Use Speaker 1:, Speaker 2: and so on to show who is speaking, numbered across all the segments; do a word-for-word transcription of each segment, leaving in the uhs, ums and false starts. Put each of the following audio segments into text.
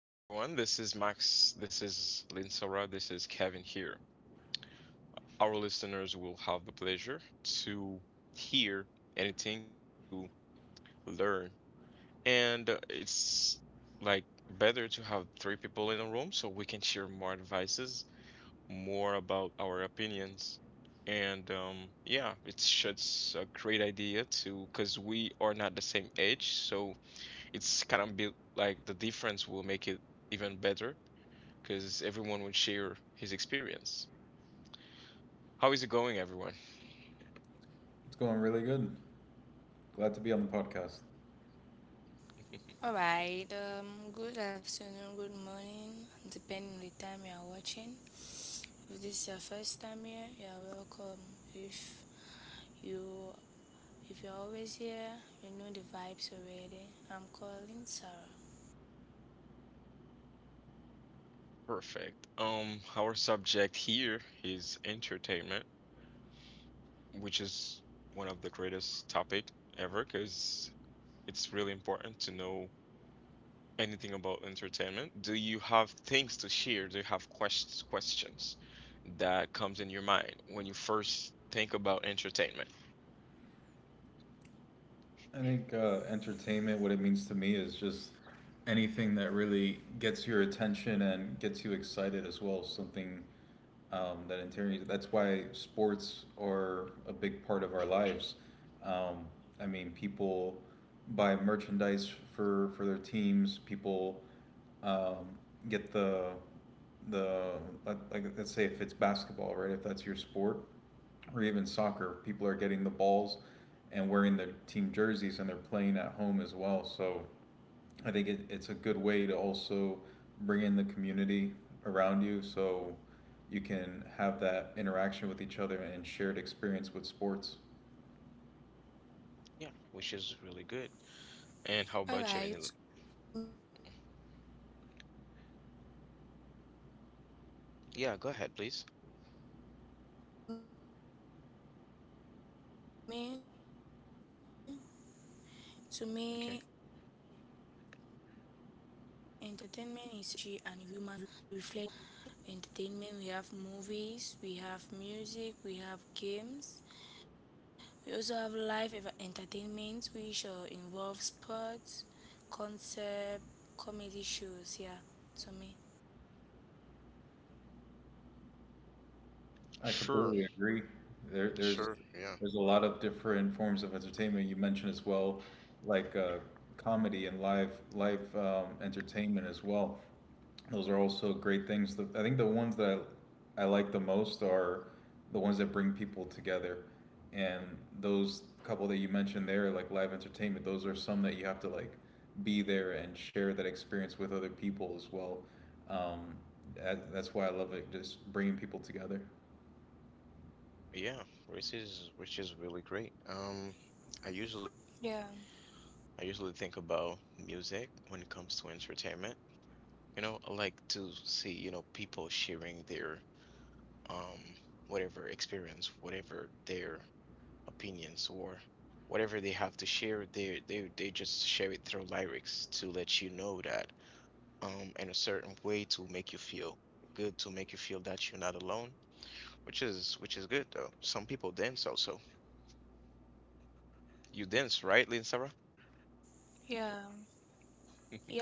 Speaker 1: Hello, everyone. This is Max. This is Linsara. This is Kevin here. Our listeners will have the pleasure to hear anything, to learn. And uh, it's like better to have three people in a room so we can share more advices, more about our opinions. And um, yeah, it's just a great idea to, because we are not the same age. So it's kind of be like the difference will make it even better because everyone would share his experience. How is it going, everyone?
Speaker 2: It's going really good. Glad to be on the podcast.
Speaker 1: Perfect. Um, our subject here is entertainment, which is one of the greatest topic ever because it's really important to know anything about entertainment. Do you have things to share? Do you have questions questions that comes in your mind when you first think about entertainment?
Speaker 2: I think uh, entertainment, what it means to me, is just anything that really gets your attention and gets you excited as well. Something um, that interior. That's why sports are a big part of our lives. Um, I mean, people buy merchandise for for their teams. People um, get the the like, like let's say if it's basketball, right? If that's your sport, or even soccer, people are getting the balls and wearing their team jerseys and they're playing at home as well. So I think it, it's a good way to also bring in the community around you so you can have that interaction with each other and shared experience with sports.
Speaker 1: Yeah, which is really good. And how about you, Minil? Yeah, go ahead, please. Okay.
Speaker 2: I
Speaker 1: Sure,
Speaker 2: completely agree. There, there's
Speaker 1: sure. Yeah.
Speaker 2: there's a lot of different forms of entertainment you mentioned as well, like uh, comedy and live live um, entertainment as well. Those are also great things. The, I think the ones that I, I like the most are the ones that bring people together, and those couple that you mentioned there, like live entertainment, those are some that you have to like be there and share that experience with other people as well. Um, that, that's why I love it, just bringing people together.
Speaker 1: Yeah, which is which is really great. Um, I usually I usually think about music when it comes to entertainment. You know, I like to see, you know, people sharing their um whatever experience, whatever their opinions, or whatever they have to share, they they, they just share it through lyrics to let you know that, um in a certain way, to make you feel good, to make you feel that you're not alone, which is which is good. Though some people dance also. You dance, right, Lynn Sarah?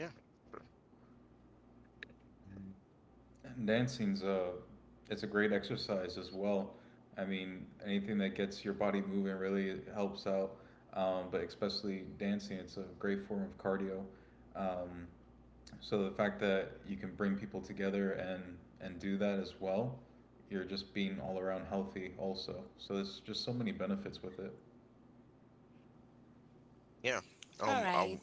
Speaker 1: Yeah. Sure.
Speaker 2: And dancing's a it's a great exercise as well. I mean, anything that gets your body moving really helps out. Um, but especially dancing, it's a great form of cardio. Um, so the fact that you can bring people together and and do that as well, you're just being all around healthy also. So there's just so many benefits with it.
Speaker 1: Yeah. um I, w-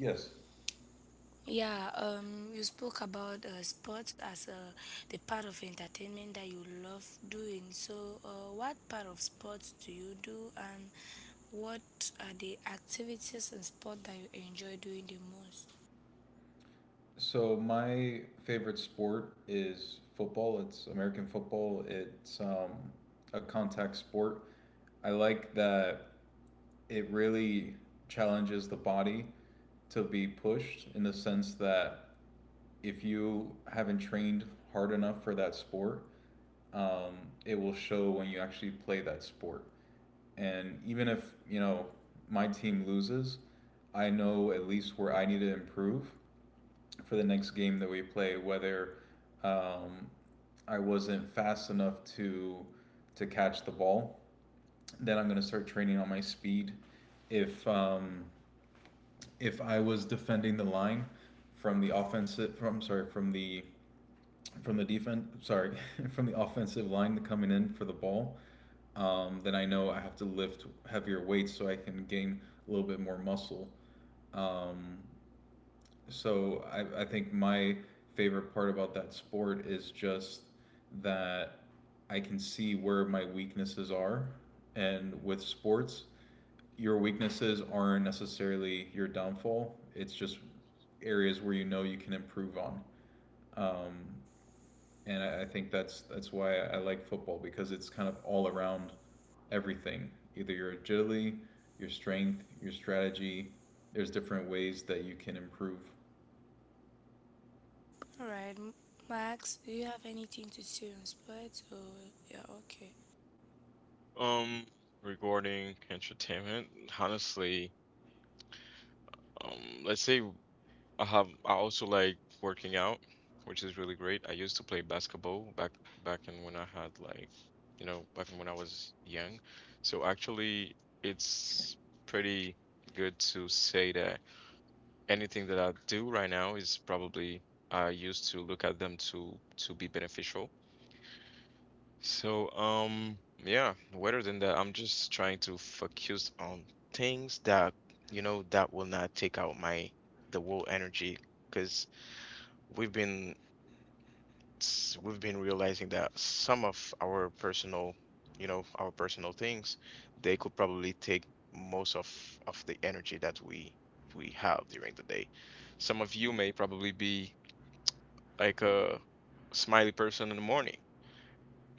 Speaker 2: Yes. So my favorite sport is football. It's American football. It's um, a contact sport. I like that it really challenges the body to be pushed in the sense that if you haven't trained hard enough for that sport, um, it will show when you actually play that sport. And even if, you know, my team loses, I know at least where I need to improve for the next game that we play, whether um, I wasn't fast enough to to catch the ball, then I'm gonna start training on my speed. If um, if I was defending the line from the offensive from sorry, from the from the defense, sorry, from the offensive line coming in for the ball, um, then I know I have to lift heavier weights so I can gain a little bit more muscle. Um, so I, I think my favorite part about that sport is just that I can see where my weaknesses are, and with sports your weaknesses aren't necessarily your downfall. It's just areas where you know you can improve on. Um, and I, I think that's that's why I, I like football because it's kind of all around everything. Either your agility, your strength, your strategy. There's different ways that you can improve.
Speaker 1: Um, Regarding entertainment, honestly, um, let's say I have I also like working out, which is really great. I used to play basketball back back in when I had, like, you know, back in when I was young. So actually, it's pretty good to say that anything that I do right now is probably I used to look at them to to be beneficial. So um yeah, rather than that, I'm just trying to focus on things that, you know, that will not take out my the whole energy. Because we've been, s- we've been realizing that some of our personal, you know, our personal things, they could probably take most of of the energy that we we have during the day. Some of you may probably be like a smiley person in the morning,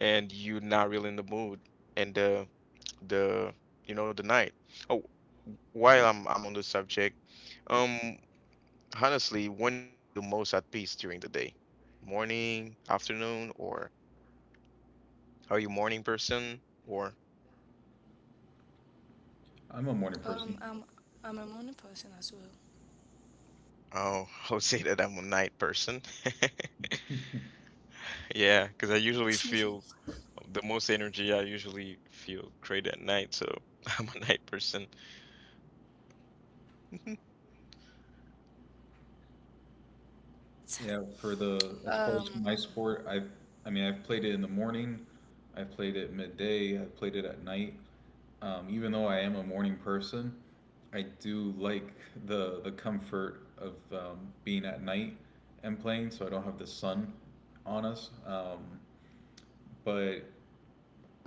Speaker 1: and you're not really in the mood and the the you know the night. Oh, while I'm I'm on the subject, um, honestly, when do you feel most at peace during the day? Morning, afternoon, or— are you morning person or—
Speaker 2: I'm a morning person.
Speaker 1: oh, I would say that I'm a night person. Yeah, because I usually feel— the most energy I usually feel great at night, so I'm a night person.
Speaker 2: Yeah, for the as far as my sport, I I mean I've played it in the morning, I've played it midday, I've played it at night. Um, even though I am a morning person, I do like the the comfort of um, being at night and playing, so I don't have the sun on us. Um, but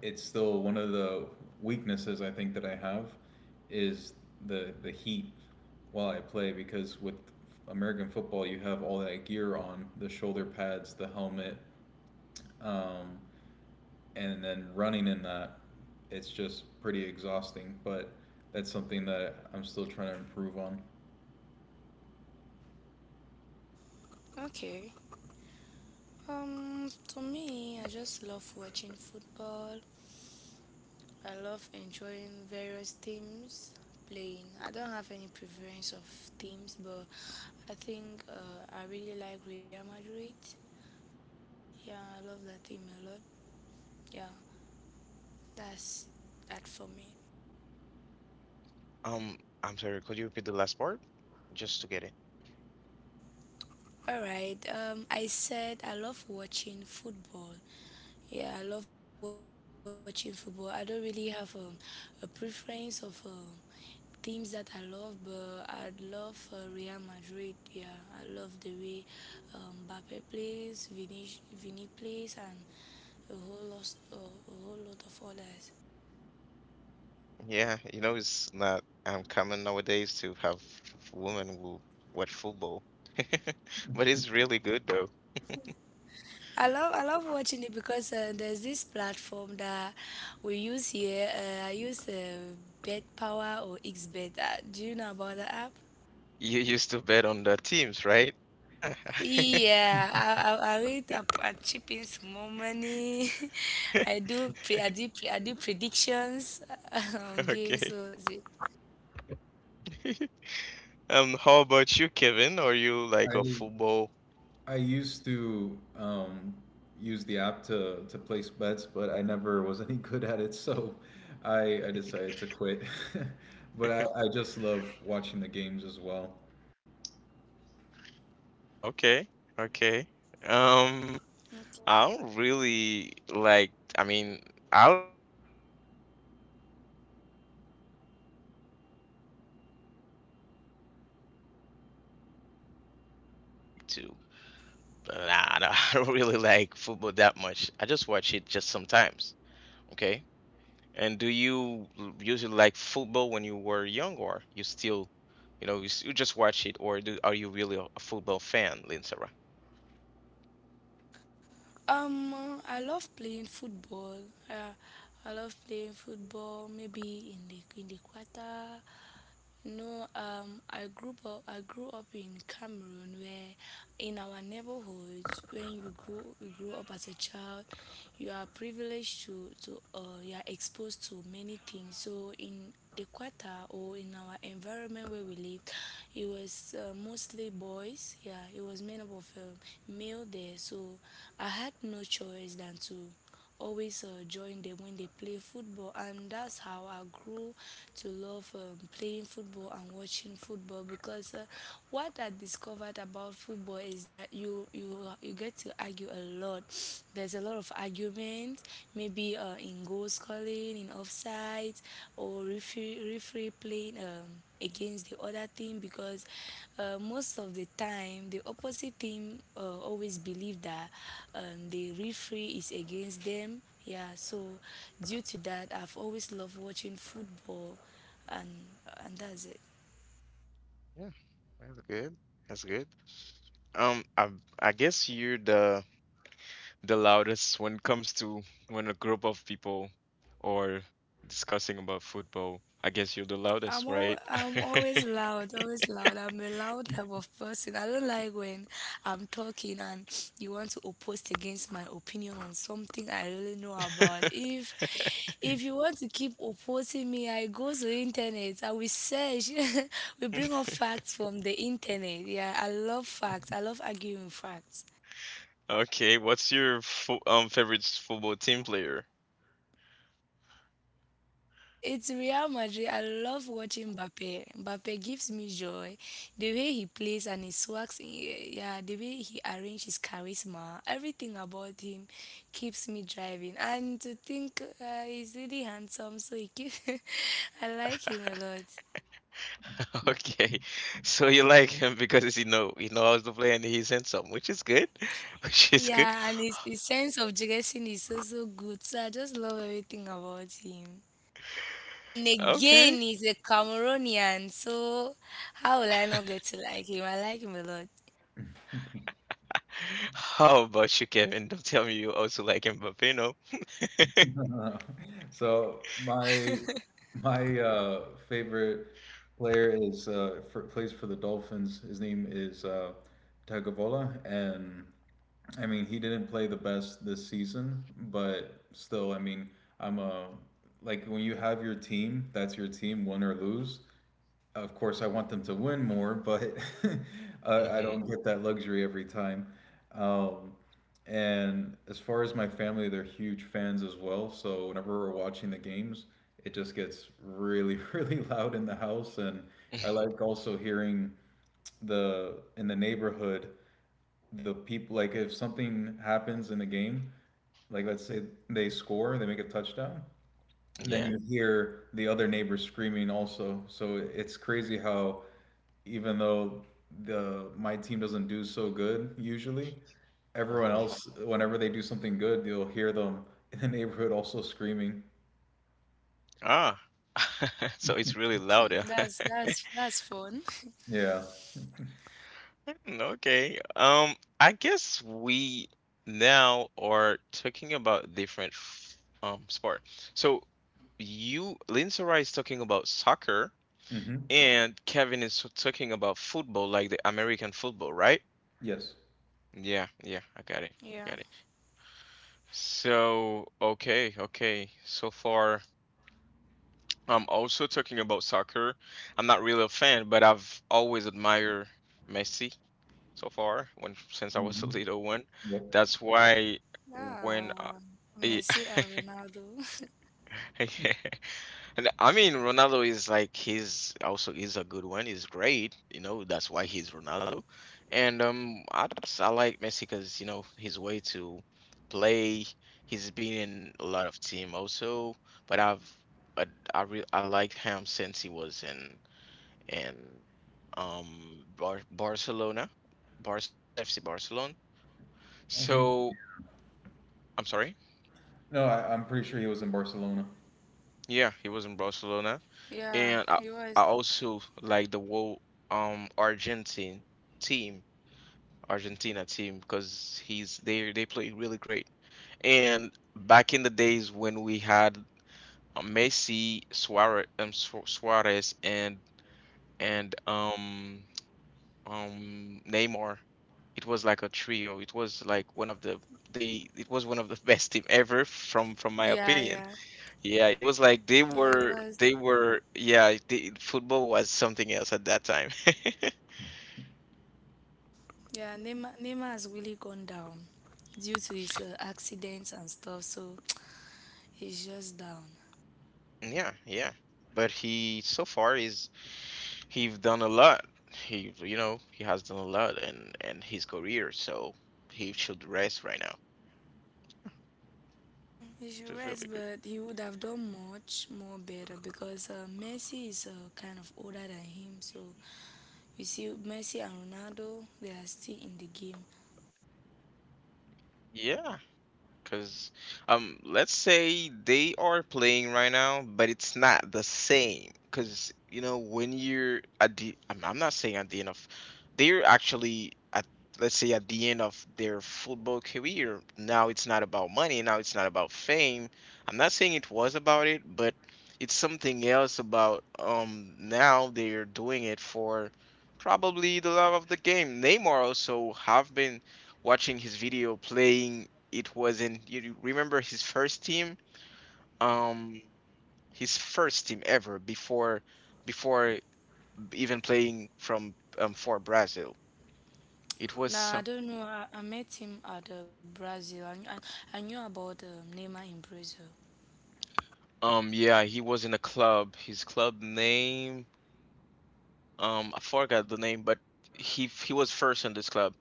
Speaker 2: it's still one of the weaknesses I think that I have is the the heat while I play because with American football you have all that gear on, the shoulder pads, the helmet, um, and then running in that, it's just pretty exhausting, but that's something that I'm still trying to improve on.
Speaker 1: Um, I'm sorry, could you repeat the last part? Just to get it. Yeah, you know, it's not um common nowadays to have f- women who watch football. But it's really good though. You used to bet on the teams, right? Yeah. Okay. Um, how about you, Kevin? Are you like a
Speaker 2: I
Speaker 1: football?
Speaker 2: I used to um, use the app to, to place bets, but I never was any good at it, so I, I decided to quit. But I, I just love watching the games as well.
Speaker 1: Okay, okay. Um, I don't really like. I mean, I like football. Sh- I like football, but I, I'm not real. I, I'm not gonna tell you that I really like to. But nah, nah, I don't really like football that much. I just watch it just sometimes. Okay. And do you l- usually like football when you were young, or you still, you know, you, s- you just watch it, or do, are you really a, a football fan, Linsara? Yeah, that's good. That's good. Um, I I guess you're the the loudest when it comes to when a group of people or discussing about football. I guess you're the loudest, right? Okay, what's your fo um favorite football team player? Okay, so you like him because he know he knows to play and he's handsome, which is good, which is good. Okay, how about you, Kevin? Don't tell me you also like Mbappé, no?
Speaker 2: So my my uh, favorite player is uh, for, plays for the Dolphins. His name is uh, Tagovailoa, and I mean, he didn't play the best this season, but still, I mean, I'm a like when you have your team, that's your team, win or lose. Of course, I want them to win more, but I, I
Speaker 1: Mm-hmm.
Speaker 2: don't get that luxury every time. Um, and as far as my family, they're huge fans as well. So whenever we're watching the games, it just gets really, really loud in the house. And I like also hearing the in the neighborhood the people, like if something happens in the game, like let's say they score, they make a touchdown, then
Speaker 1: Yeah.
Speaker 2: you hear the other neighbors screaming also. So it's crazy how even though the my team doesn't do so good usually, everyone
Speaker 1: Mhm.
Speaker 2: else, whenever they do something good, you'll hear them in the neighborhood also screaming.
Speaker 1: Ah, so it's really loud. Yeah.
Speaker 2: Yeah.
Speaker 1: Okay. Um, I guess we now are talking about different f- um sport. So you, Linsora, is talking about soccer,
Speaker 2: Mm-hmm.
Speaker 1: and Kevin is so- talking about football, like the American football, right?
Speaker 2: Yes.
Speaker 1: Yeah, yeah, I got it. I got it. So, okay, okay. So far, I'm also talking about soccer. I'm not really a fan, but I've always admired Messi. So far when since I was a
Speaker 2: Mm-hmm.
Speaker 1: little one.
Speaker 2: Yep.
Speaker 1: That's why when I, I- yeah. And I mean Ronaldo is, like, he's also, he's a good one. He's great, you know. That's why he's Ronaldo. And um, I just I like Messi because, you know, his way to play. He's been in a lot of team also, but I've but I re I liked him since he was in in um Bar Barcelona, Barcelona F C Barcelona.
Speaker 2: I think
Speaker 1: So I'm sorry.
Speaker 2: No, I, I'm pretty sure he was in Barcelona.
Speaker 1: Yeah, he was in Barcelona, and I, I also like the whole um Argentine team, Argentina team, because he's they they play really great. And back in the days when we had uh, Messi, Suarez, um, Su- Suarez, and and um um Neymar, it was like a trio. It was like one of the they it was one of the best team ever from from my opinion. Yeah, it was like they were they were yeah, the football was something else at that time. Yeah, yeah. But he, so far, is— he've done a lot. He you know, he has done a lot and and his career, so he should rest right now, which is really good. Yeah. Because, um, let's say they are playing right now, but it's not the same. Because, you know, when you're at the— I'm, I'm not saying at the end of, they're actually at, let's say, at the end of their football career. Now it's not about money. Now it's not about fame. I'm not saying it was about it, but it's something else about, um, now they're doing it for probably the love of the game. Neymar also have been watching his video playing. It was in— you you remember his first team um his first team ever, before before even playing from um for Brazil. It was uh, um yeah, he was in a club, his club name— um I forgot the name, but he he was first in this club.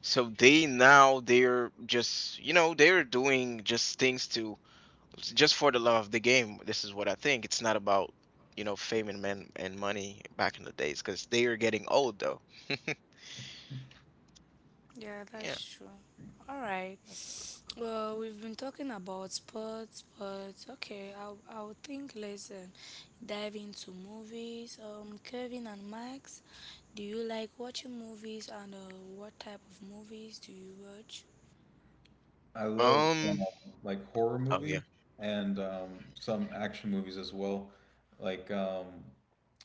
Speaker 1: So they now they're just, you know, they're doing just things to— just for the love of the game. This is what I think. It's not about, you know, fame and men and money back in the days because they are getting old though. Yeah.
Speaker 2: I love
Speaker 1: Um.
Speaker 2: um, like horror
Speaker 1: Oh yeah.
Speaker 2: movies and um, some action movies as well. Like um,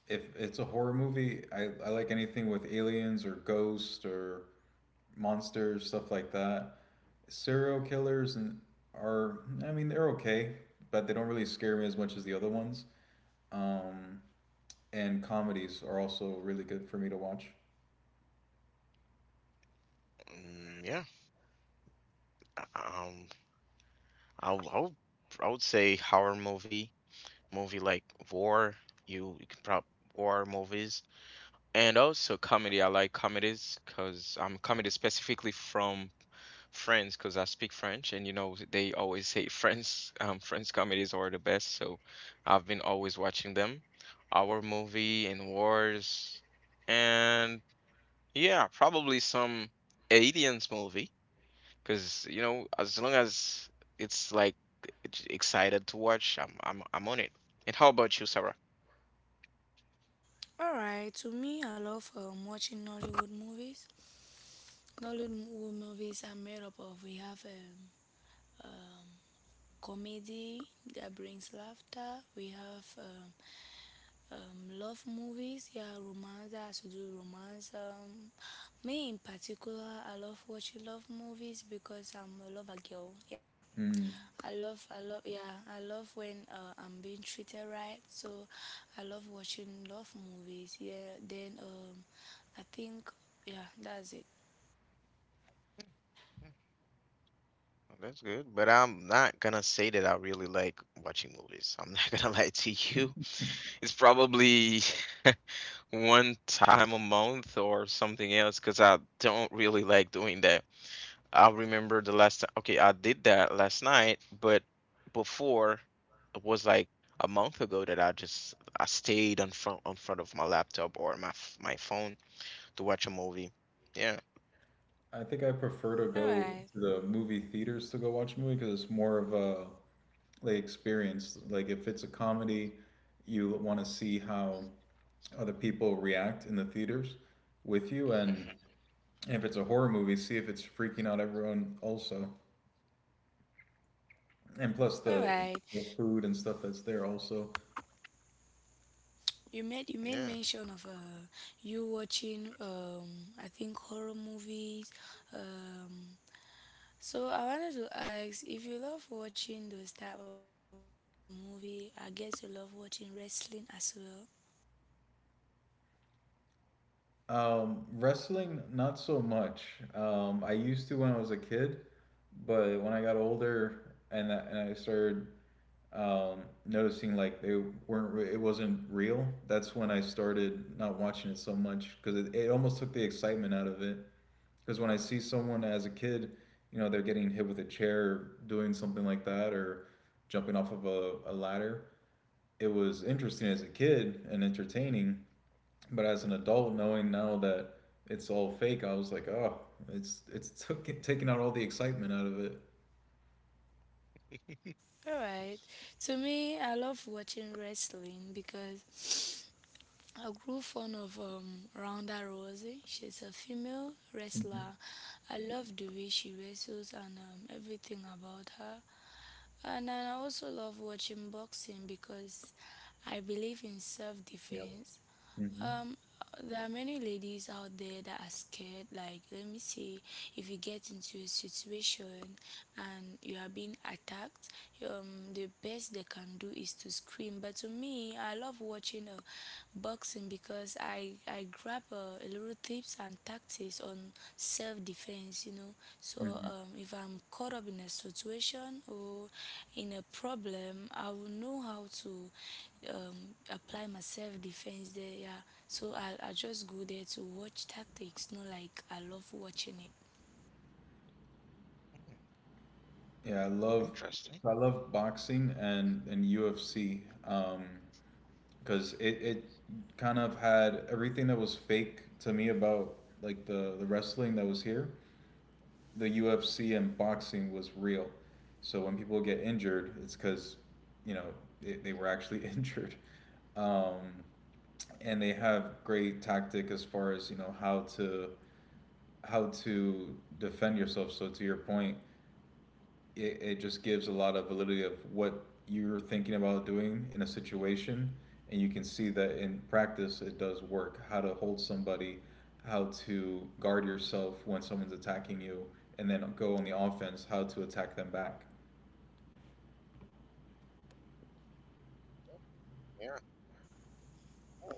Speaker 2: if it's a horror movie, I, I like anything with aliens or ghosts or monsters, stuff like that. Serial killers and are I mean they're okay, but they don't really scare me as much as the other ones. Um, and comedies are also really good for me to watch.
Speaker 1: Mm, yeah. Um. I w- I would I would say horror movie, movie like war. You you can probably war movies and also comedy. I like comedies because I'm comedy specifically from friends because I speak French, and you know they always say French um, French comedies are the best. So I've been always watching them. Our movie and wars, and yeah, probably some aliens movie because you know as long as it's like it's excited to watch, I'm I'm I'm on it. And how about you, Sarah?
Speaker 2: Mm.
Speaker 1: Mm, well, that's good, but I'm not gonna say that I really like watching movies. I'm not gonna lie to you. It's probably one time a month or something else because I don't really like doing that. I remember the last time, okay, I did that last night, but before it was like a month ago that I just I stayed in front in front of my laptop or my f- my phone to watch a movie. Yeah.
Speaker 2: I think I prefer to go to the movie theaters to go watch a movie because it's more of a they experience. Like if it's a comedy, you want to see how other people react in the theaters with you,
Speaker 1: Hmm.
Speaker 2: and if it's a horror movie, see if it's freaking out everyone also, and plus the the food and stuff that's there also.
Speaker 1: Yeah.
Speaker 2: Um, wrestling, not so much. Um, I used to when I was a kid, but when I got older and I, and I started um, noticing like they weren't it wasn't real. That's when I started not watching it so much because it, it almost took the excitement out of it, because when I see someone as a kid, you know, they're getting hit with a chair, doing something like that, or jumping off of a, a ladder, it was interesting as a kid and entertaining, but as an adult knowing now that it's all fake, I was like, oh, it's it's took, taking out all the excitement out of it. Hmm. Yep. Hmm. Hmm.
Speaker 1: Mm,
Speaker 2: Yeah, I love
Speaker 1: interesting.
Speaker 2: so I love boxing and and U F C, um because it it kind of had everything that was fake to me about like the the wrestling that was here. The U F C and boxing was real. So when people get injured, it's because, you know, they, they were actually injured. Um, and they have great tactic as far as, you know, how to how to defend yourself. So to your point, it, it just gives a lot of validity of what you're thinking about doing in a situation, and you can see that in practice it does work: how to hold somebody, how to guard yourself when someone's attacking you, and then go on the offense, how to attack them back.
Speaker 1: Yeah. Oh.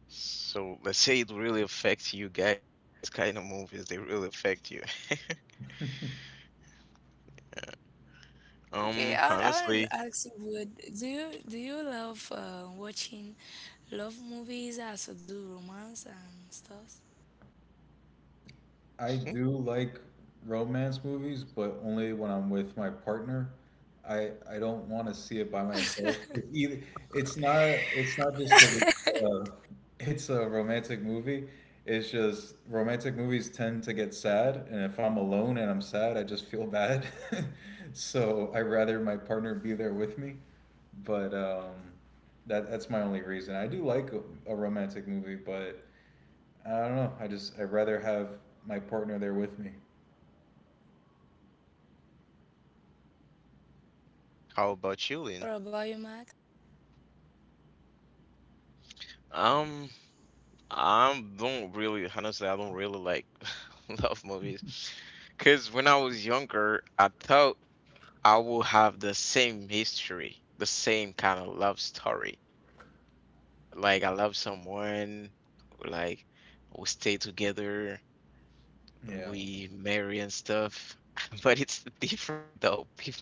Speaker 1: So let's say it really affects you guys. These kind of movies, they really affect you. Um, honestly,
Speaker 2: I
Speaker 1: hmm,
Speaker 2: do like romance movies, but only when I'm with my partner. I I don't want to see it by myself. 'Cause either it's not it's not just because it's, uh, it's a romantic movie. It's just romantic movies tend to get sad, and if I'm alone and I'm sad, I just feel bad. So I rather my partner be there with me. But um, that that's my only reason. I do like a, a romantic movie, but. I don't know. I just I'd rather have my partner there with me.
Speaker 1: how about you, Lynn? Um, I don't really, honestly, I don't really like love movies. Because when I was younger, I thought I would have the same history, the same kind of love story. Like, I love someone, like, we stay together,
Speaker 2: Yeah.
Speaker 1: we marry and stuff. But it's different though. People,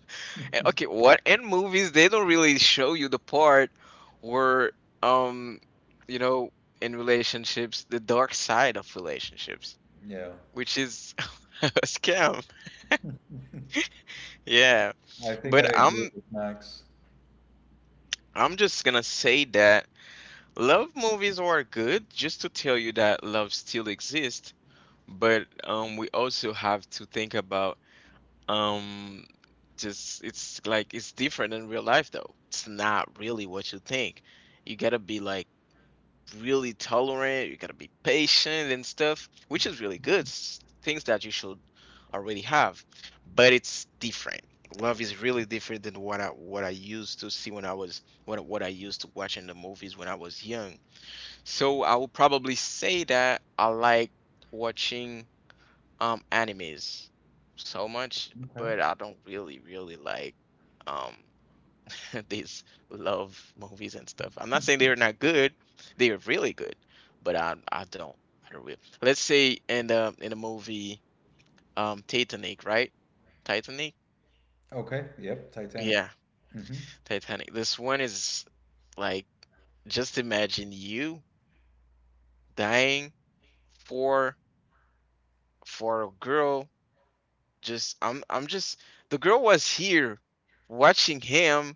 Speaker 1: and okay, what in movies they don't really show you the part where, um, you know, in relationships, the dark side of relationships,
Speaker 2: Yeah.
Speaker 1: which is a scam. Yeah.
Speaker 2: I think I
Speaker 1: But
Speaker 2: agree
Speaker 1: I'm
Speaker 2: with Max.
Speaker 1: I'm just gonna say that love movies are good just to tell you that love still exists, but um we also have to think about um just it's like it's different in real life though. It's not really what you think. You gotta be like really tolerant, you gotta be patient and stuff, which is really good. s- Things that you should already have. But it's different. Love is really different than what I what I used to see when I was, what what I used to watch in the movies when I was young. So I would probably say that I like watching um animes so much,
Speaker 2: Okay.
Speaker 1: but I don't really really like um these love movies and stuff. I'm not saying they're not good; they are really good, but I I don't I don't really. Let's say in the in the movie um Titanic, right? Titanic,
Speaker 2: Okay. Yep. Titanic.
Speaker 1: yeah,
Speaker 2: Hmm.
Speaker 1: Titanic. This one is like, just imagine you dying for for a girl. Just I'm I'm just the girl was here watching him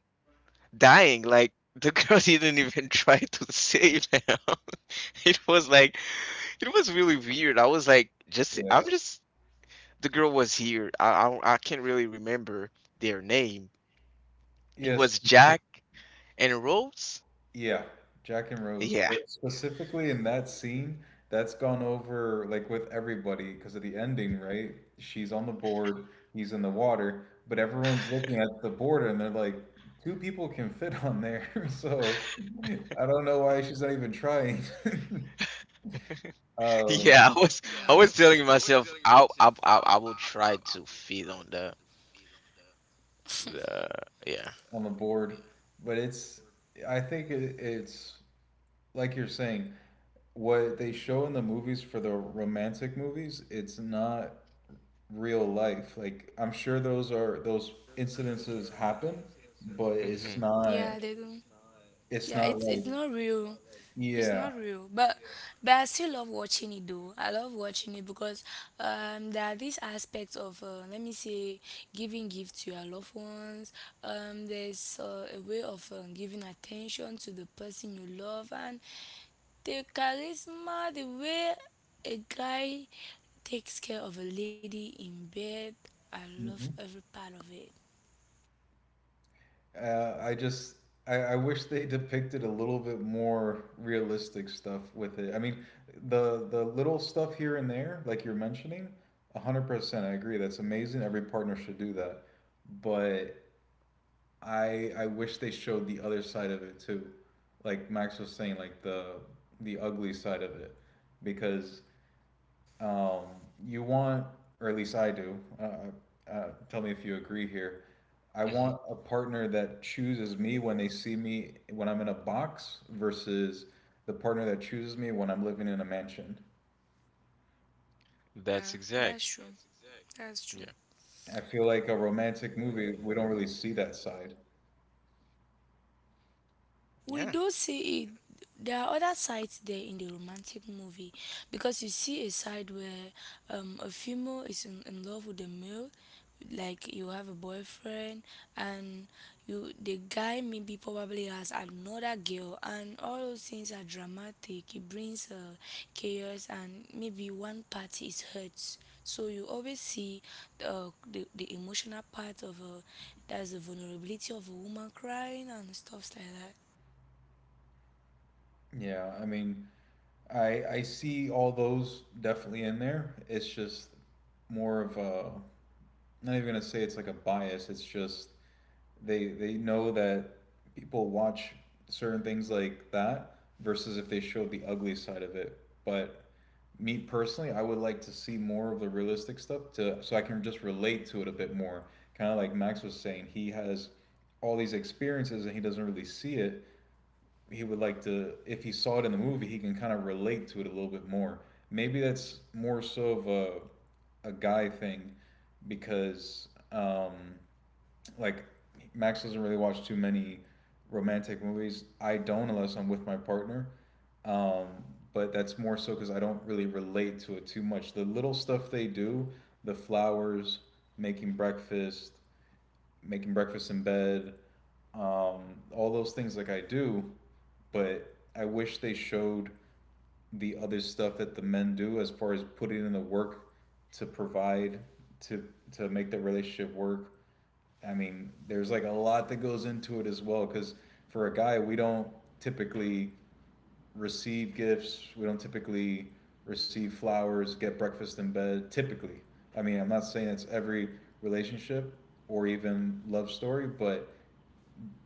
Speaker 1: dying, like. The girl didn't even try to save him. It was like It was really weird. I was like, just I'm
Speaker 2: Yeah.
Speaker 1: just the girl was here. I I, I can't really remember their name. It
Speaker 2: Yes.
Speaker 1: was Jack and Rose.
Speaker 2: Yeah. Jack and Rose.
Speaker 1: Yeah,
Speaker 2: But specifically in that scene, that's gone over like with everybody because of the ending, right? She's on the board, he's in the water, but everyone's looking at the border and they're like, two people can fit on there. So I don't know why she's not even trying. uh,
Speaker 1: yeah. I was I was
Speaker 3: Yeah,
Speaker 1: telling myself I I I, I will try to feed on the the yeah.
Speaker 2: on the board, but it's I think it, it's like you're saying what they show in the movies for the romantic movies. It's not real life. Like I'm sure those are those incidences happen, but it's
Speaker 1: Mhm.
Speaker 3: yeah,
Speaker 2: not.
Speaker 3: they do.
Speaker 2: It's
Speaker 3: Yeah,
Speaker 2: not
Speaker 3: it's
Speaker 2: like
Speaker 3: it's not real. It's
Speaker 2: yeah.
Speaker 3: not real, but but I still love watching it though. I love watching it because um there are these aspects of, uh, let me say, giving gift to your loved ones. Um, there's, uh, a way of, um, giving attention to the person you love, and the charisma, the way a guy takes care of a lady in bed. I love
Speaker 2: Mhm.
Speaker 3: every part of it.
Speaker 2: Uh, I just I, I wish they depicted a little bit more realistic stuff with it. I mean, the the little stuff here and there, like you're mentioning, hundred percent. I agree. That's amazing. Every partner should do that. But I I wish they showed the other side of it too, like Max was saying, like the the ugly side of it, because um, you want, or at least I do. Uh, uh, uh, tell me if you agree here. I
Speaker 1: Mhm.
Speaker 2: want a partner that chooses me when they see me when I'm in a box versus the partner that chooses me when I'm living in a mansion.
Speaker 3: Yeah,
Speaker 1: That's
Speaker 3: that's
Speaker 1: exact.
Speaker 3: true. That's true.
Speaker 1: Yeah.
Speaker 2: I feel like a romantic movie we don't really see that side.
Speaker 3: We
Speaker 1: Yeah.
Speaker 3: do see it. There are other sides there in the romantic movie, because you see a side where, um, a female is in, in love with a male, like you have a boyfriend and you the guy maybe probably has another girl, and all those things are dramatic. It brings, uh, chaos, and maybe one party is hurt. So you always see the the, the emotional part of, uh, that's the vulnerability of a woman crying and stuff like that.
Speaker 2: Yeah, I mean, I I see all those definitely in there. It's just more of a, I'm not even gonna say it's like a bias. It's just they they know that people watch certain things like that versus if they showed the ugly side of it. But me personally, I would like to see more of the realistic stuff to so I can just relate to it a bit more. Kind of like Max was saying, he has all these experiences and he doesn't really see it. He would like to if he saw it in the movie, he can kind of relate to it a little bit more. Maybe that's more so of a a guy thing because um like Max doesn't really watch too many romantic movies. I don't unless I'm with my partner. Um, but that's more so because I don't really relate to it too much. The little stuff they do, the flowers, making breakfast, making breakfast in bed, um, all those things like I do, but I wish they showed the other stuff that the men do as far as putting in the work to provide to to make the relationship work. I mean, there's like a lot that goes into it as well cuz for a guy, we don't typically receive gifts, we don't typically receive flowers, get breakfast in bed typically. I mean, I'm not saying it's every relationship or even love story, but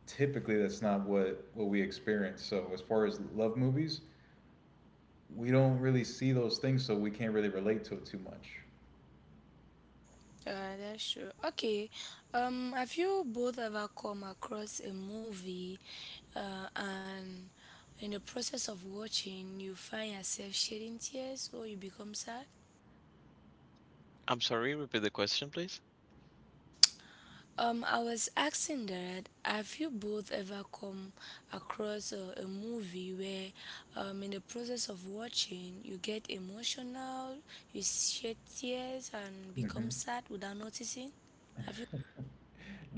Speaker 2: typically that's not what what we experience. So, as far as love movies, we don't really see those things, so we can't really relate to it too much.
Speaker 3: Uh, that's true. Okay. Um, have you both ever come across a movie, uh, and in the process of watching you find yourself shedding tears or you become sad?
Speaker 1: I'm sorry. Repeat the question, please.
Speaker 3: Um, I was asking that have you both ever come across, uh, a movie where, um, in the process of watching you get emotional, you shed tears and
Speaker 2: hmm
Speaker 3: become sad without noticing? Have you?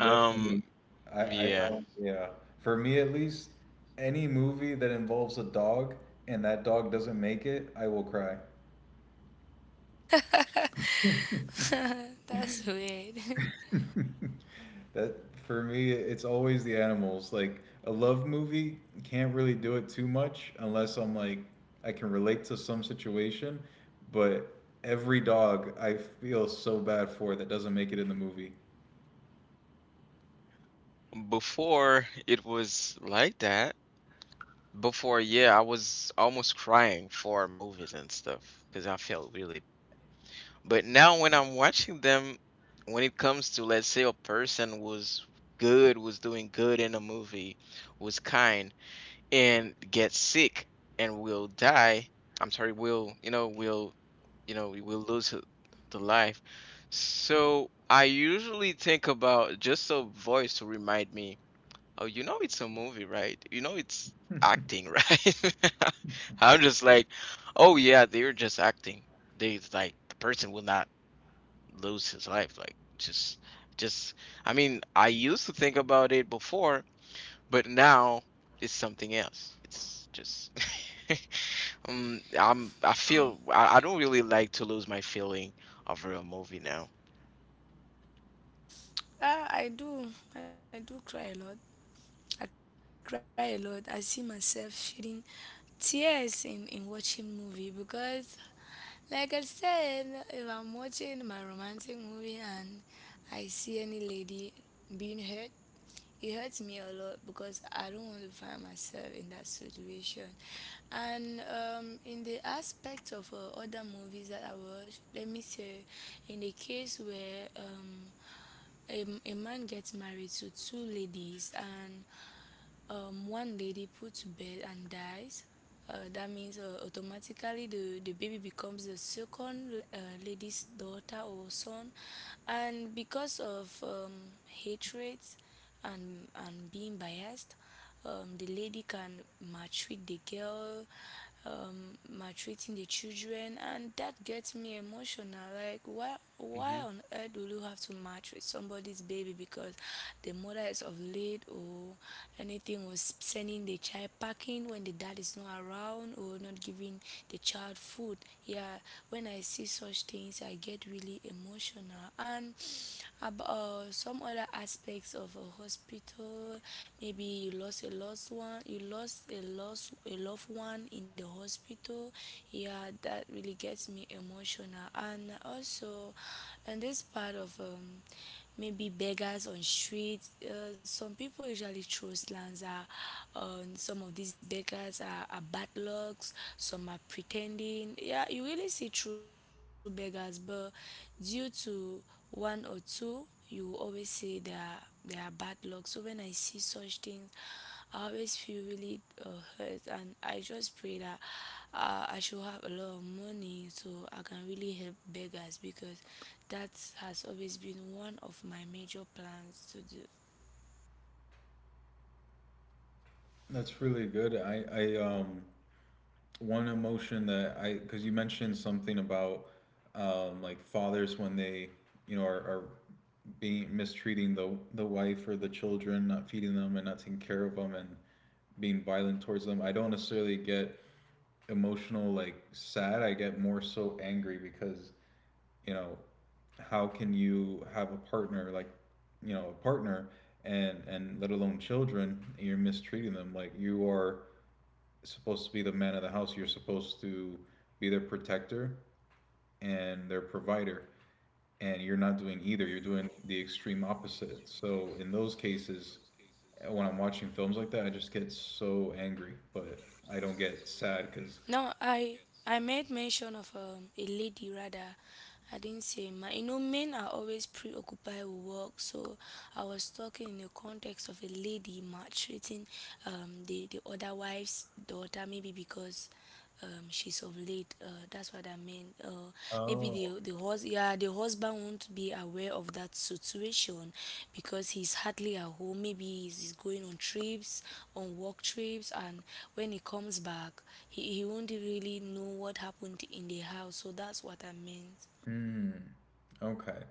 Speaker 1: Um.
Speaker 2: I, I
Speaker 1: Yeah.
Speaker 2: know, yeah. For me at least, any movie that involves a dog and that dog doesn't make it, I will cry.
Speaker 3: That's weird.
Speaker 2: That for me, it's always the animals. Like a love movie can't really do it too much unless I'm like I can relate to some situation, but every dog I feel so bad for that doesn't make it in the movie.
Speaker 1: Before it was like that. Before, yeah, I was almost crying for movies and stuff because I felt really bad. But now, when I'm watching them, when it comes to, let's say, a person was good, was doing good in a movie, was kind, and gets sick and will die, I'm sorry, will, you know, will, you know, we will lose h- the life. So I usually think about just a voice to remind me. Oh, you know it's a movie, right? You know it's acting, right? I'm just like, oh yeah, they're just acting. They It's like the person will not lose his life. Like, just just I mean, I used to think about it before, but now it's something else. It's just um I'm I feel I, I don't really like to lose my feeling of a movie now.
Speaker 3: Ah, I do. I do cry a lot. I cry a lot. I see myself shedding tears in, in watching movie because, like I said, if I'm watching my romantic movie and I see any lady being hurt, it hurts me a lot because I don't want to find myself in that situation. And, um, in the aspect of, uh, other movies that I watch, let me say, in the case where, um, a, a man gets married to two ladies, and, um, one lady put to bed and dies, uh, that means, uh, automatically the, the baby becomes the second, uh, lady's daughter or son. And because of, um, hatred and and being biased, um, the lady can maltreat the girl, um, maltreating the children, and that gets me emotional. Like, why, why
Speaker 1: Hmm.
Speaker 3: on earth will you have to maltreat somebody's baby because the mother is of late, or anything was sending the child packing when the dad is not around or not giving the child food? Yeah, when I see such things, I get really emotional. And about, uh, some other aspects of a hospital, maybe you lost a lost one you lost a lost a loved one in the hospital, yeah, that really gets me emotional. And also in this part of, um maybe beggars on street. Uh, some people usually throw slangs at, um, some of these beggars are, are bad lucks, some are pretending. Yeah, you really see true beggars, but due to one or two, you will always say they are, they are bad luck. So when I see such things, I always feel really, uh, hurt, and I just pray that, uh, I should have a lot of money so I can really help beggars, because that has always been one of my major plans to do.
Speaker 2: That's really good. I, I um one emotion that I because you mentioned something about um like fathers when they you know are, are being mistreating the the wife or the children, not feeding them and not taking care of them and being violent towards them. I don't necessarily get emotional like sad. I get more so angry because you know how can you have a partner like you know a partner and and let alone children and you're mistreating them like you are supposed to be the man of the house. You're supposed to be their protector and their provider, and you're not doing either. You're doing the extreme opposite. So in those cases, when I'm watching films like that, I just get so angry, but I don't get
Speaker 3: Now,
Speaker 2: sad
Speaker 3: I
Speaker 2: because,
Speaker 3: I made mention of, um, a lady rather. I didn't say man. You know, men are always preoccupied with work, so I was talking in the context of a lady maltreating, um, the the other wife's daughter, maybe because, um she's of late, uh that's what I mean. Uh maybe the the hus- yeah, the husband won't be aware of that situation because he's hardly at home. Maybe he's, he's going on trips on work trips, and when he comes back, he, he won't really know what happened in the house, so that's what I meant.
Speaker 2: hmm, okay.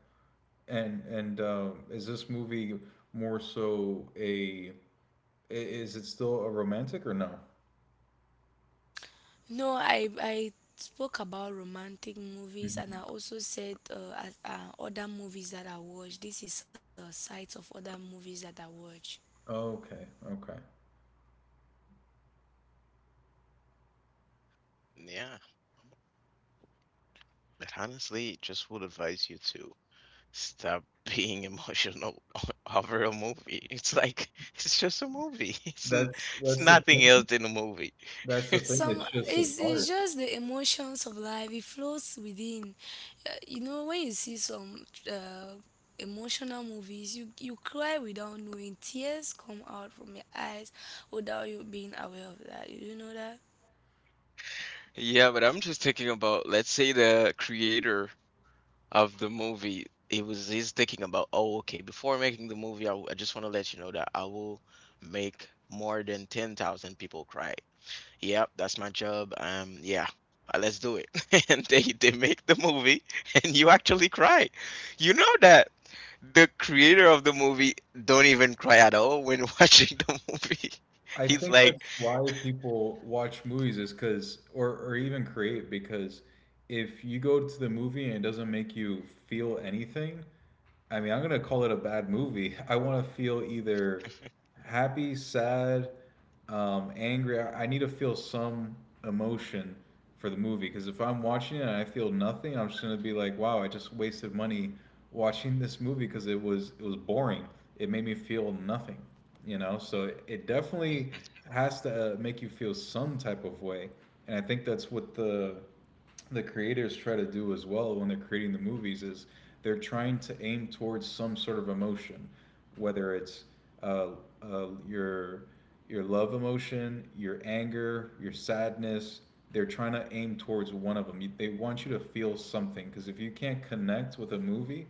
Speaker 2: And and uh, is this movie more so a i- is it still a romantic or no?
Speaker 3: No, I I spoke about romantic movies, and
Speaker 2: Mhm.
Speaker 3: I also said, uh, as, uh, other movies that I watch. This is a, uh, sites of other movies that I watch.
Speaker 2: Okay, okay.
Speaker 1: Yeah. But honestly, just would advise you to Stop being emotional over a movie. It's like, it's just a movie. It's n-
Speaker 2: That's
Speaker 1: it's
Speaker 2: that's the
Speaker 1: nothing else
Speaker 2: thing.
Speaker 1: than a movie.
Speaker 2: That's the thing.
Speaker 3: some
Speaker 2: It's just it's
Speaker 3: it's, it's
Speaker 2: hard.
Speaker 3: just the emotions of life, it flows within. Uh, you know, when you see some, uh, emotional movies, you you cry without knowing tears come out from your eyes without you being aware of that. You, you know that.
Speaker 1: Yeah, but I'm just thinking about, let's say the creator of the movie, it was he's thinking about, oh, okay, before making the movie, I, w- I just want to let you know that I will make more than ten thousand people cry. Yep, that's my job. Um, yeah, uh, let's do it. And they they make the movie, and you actually cry. You know that the creator of the movie don't even cry at all when watching the movie.
Speaker 2: I
Speaker 1: He's
Speaker 2: think
Speaker 1: like,
Speaker 2: that's why people watch movies is because, or, or even create, because if you go to the movie and it doesn't make you feel anything, I mean, I'm gonna call it a bad movie. I want to feel either happy, sad, um, angry. I I need to feel some emotion for the movie because if I'm watching it and I feel nothing, I'm just gonna be like, "Wow, I just wasted money watching this movie because it was it was boring. It made me feel nothing." You know, so it, it definitely
Speaker 1: Mhm.
Speaker 2: has to uh, make you feel some type of way, and I think that's what the the creators try to do as well when they're creating the movies is they're trying to aim towards some sort of emotion, whether it's uh, uh, your your love emotion, your anger, your sadness. They're trying to aim towards one of them. They want you to feel something because if you can't connect with a movie,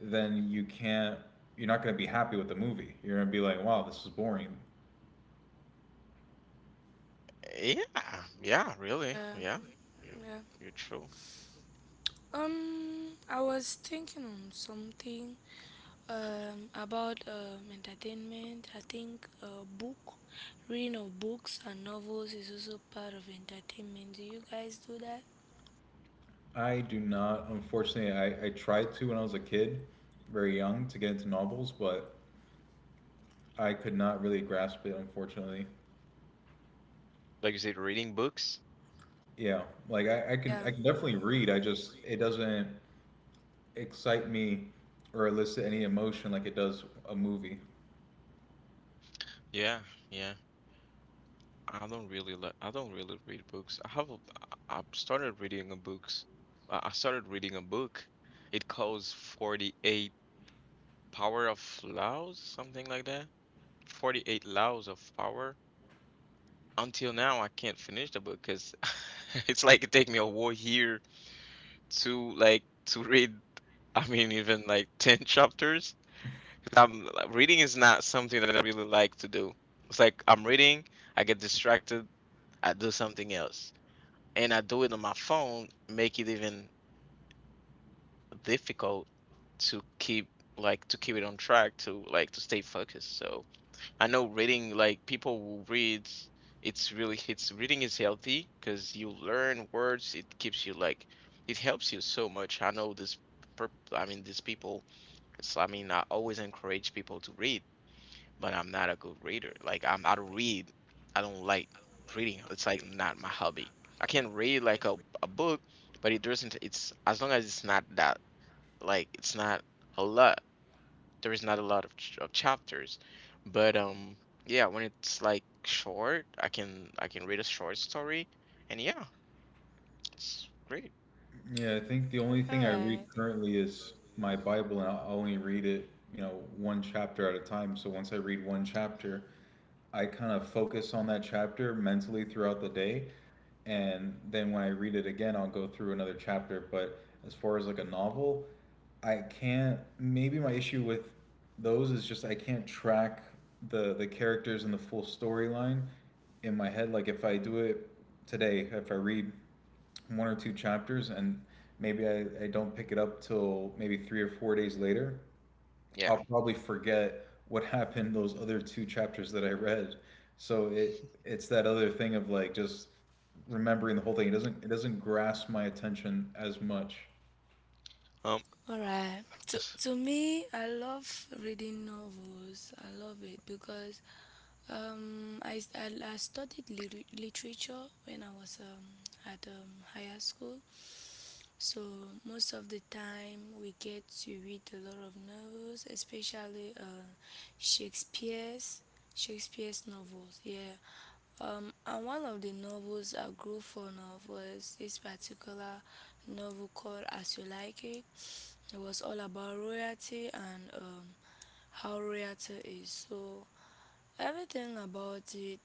Speaker 2: then you can't. You're not going to be happy with the movie. You're going to be like, "Wow, this is boring."
Speaker 1: Yeah, yeah, really,
Speaker 3: Yeah,
Speaker 1: yeah, you
Speaker 3: yeah,
Speaker 1: you're true.
Speaker 3: um I was thinking on something, um about, um entertainment. I think, uh book reading of books and novels is also part of entertainment. Do you guys do that?
Speaker 2: I do not. Unfortunately, I, I tried to when I was a kid, very young, to get into novels, but I could not really grasp it, unfortunately.
Speaker 1: Like you said, reading books.
Speaker 2: Yeah, like I, I can
Speaker 3: Yeah.
Speaker 2: I can definitely read. I just it doesn't excite me or elicit any emotion like it does a movie.
Speaker 1: Yeah, yeah. I don't really like. I don't really read books. I have. A, I I started reading a books. I I started reading a book. It calls forty-eight Power of Laos, something like that. forty-eight Laos of Power. Until now, I can't finish the book because it's like it take me a whole year to, like, to read. I mean, even like ten chapters. 'Cause I'm like, reading is not something that I really like to do. It's like, I'm reading, I get distracted, I do something else, and I do it on my phone, make it even difficult to keep like to keep it on track, to like to stay focused. So. I know reading, like, people who read, it's really it's reading is healthy because you learn words. It keeps you, like, it helps you so much. I know this. per- I mean, these people. It's, I mean, I always encourage people to read, but I'm not a good reader. Like, I'm, I don't read. I don't like reading. It's like not my hobby. I can read like a a book, but it doesn't. It's as long as it's not that, like, it's not a lot there is not a lot of, ch- of chapters, but um yeah, when it's like short, i can i can read a short story, and yeah, it's great.
Speaker 2: Yeah, I think the only
Speaker 3: All
Speaker 2: thing I read
Speaker 3: right.
Speaker 2: currently is my Bible, and I only read it, you know, one chapter at a time. So once I read one chapter, I kind of focus on that chapter mentally throughout the day, and then when I read it again, I'll go through another chapter. But as far as like a novel, I can't. Maybe my issue with those is just I can't track the the characters and the full storyline in my head. Like if I do it today, if I read one or two chapters and maybe I, I don't pick it up till maybe three or four days later,
Speaker 1: Yeah,
Speaker 2: I'll probably forget what happened those other two chapters that I read. So it it's that other thing of like just remembering the whole thing. It doesn't it doesn't grasp my attention as much.
Speaker 1: um
Speaker 3: All right. To
Speaker 1: Hannes,
Speaker 3: to me, I love reading novels. I love it because, um I I, I studied lit- literature when I was, um at, um higher school. So most of the time we get to read a lot of novels, especially, uh Shakespeare's Shakespeare's novels. Yeah. Um, and one of the novels I grew fond of was this particular novel called As You Like It. It was all about royalty and, um, how royalty is. So everything about it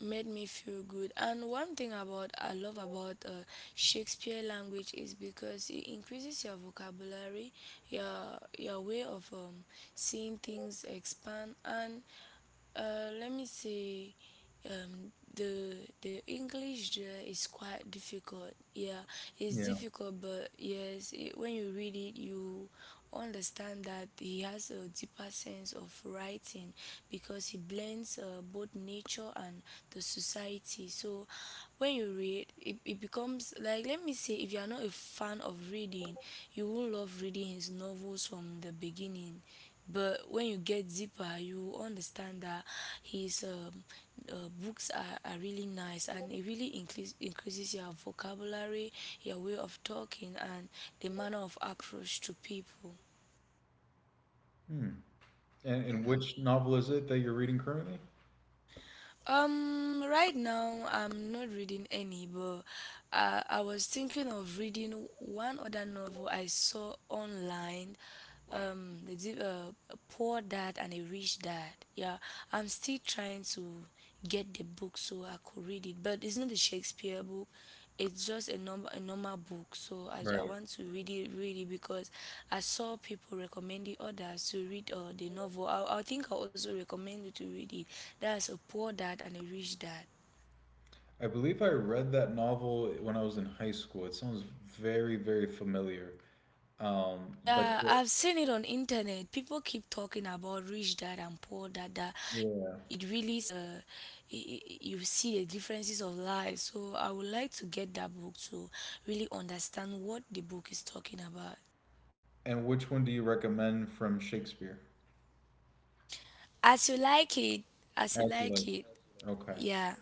Speaker 3: made me feel good. And one thing about I love about, uh, Shakespeare language, is because it increases your vocabulary, your your way of, um, seeing things expand. And, uh, let me say, um, the the English there is quite difficult. Yeah, it's
Speaker 2: Yeah.
Speaker 3: difficult, but yes, it, when you read it, you understand that he has a deeper sense of writing, because he blends, uh, both nature and the society. So, when you read, it, it becomes like, let me say, if you are not a fan of reading, you won't love reading his novels from the beginning. But when you get deeper, you understand that his, um, uh, books are, are really nice, and it really increase, increases your vocabulary, your way of talking, and the manner of approach to people.
Speaker 2: Hmm. And, and
Speaker 1: yeah,
Speaker 2: which novel is it that you're reading currently?
Speaker 3: Um, right now I'm not reading any, but, uh, I was thinking of reading one other novel I saw online. Um the di- uh, a poor dad and a rich dad. Yeah, I'm still trying to get the book so I could read it, but it's not a Shakespeare book, it's just a normal, a normal book. So, I, I
Speaker 2: Right.
Speaker 3: want to read it really, because I saw people recommending others to read, uh, the novel. I, I think I also recommend you to read it. That's a poor dad and a rich dad.
Speaker 2: I believe I read that novel when I was in high school. It sounds very, very familiar. Um, but
Speaker 3: Yeah, I've seen it on internet. People keep talking about rich dad and poor dad. That it
Speaker 2: yeah.
Speaker 3: really is. Uh, y- y- you see the differences of life. So I would like to get that book to really understand what the book is talking about.
Speaker 2: And which one do you recommend from Shakespeare?
Speaker 3: As You Like It. As You
Speaker 2: As you
Speaker 3: Like
Speaker 2: like.
Speaker 3: It.
Speaker 2: Okay.
Speaker 3: Yeah.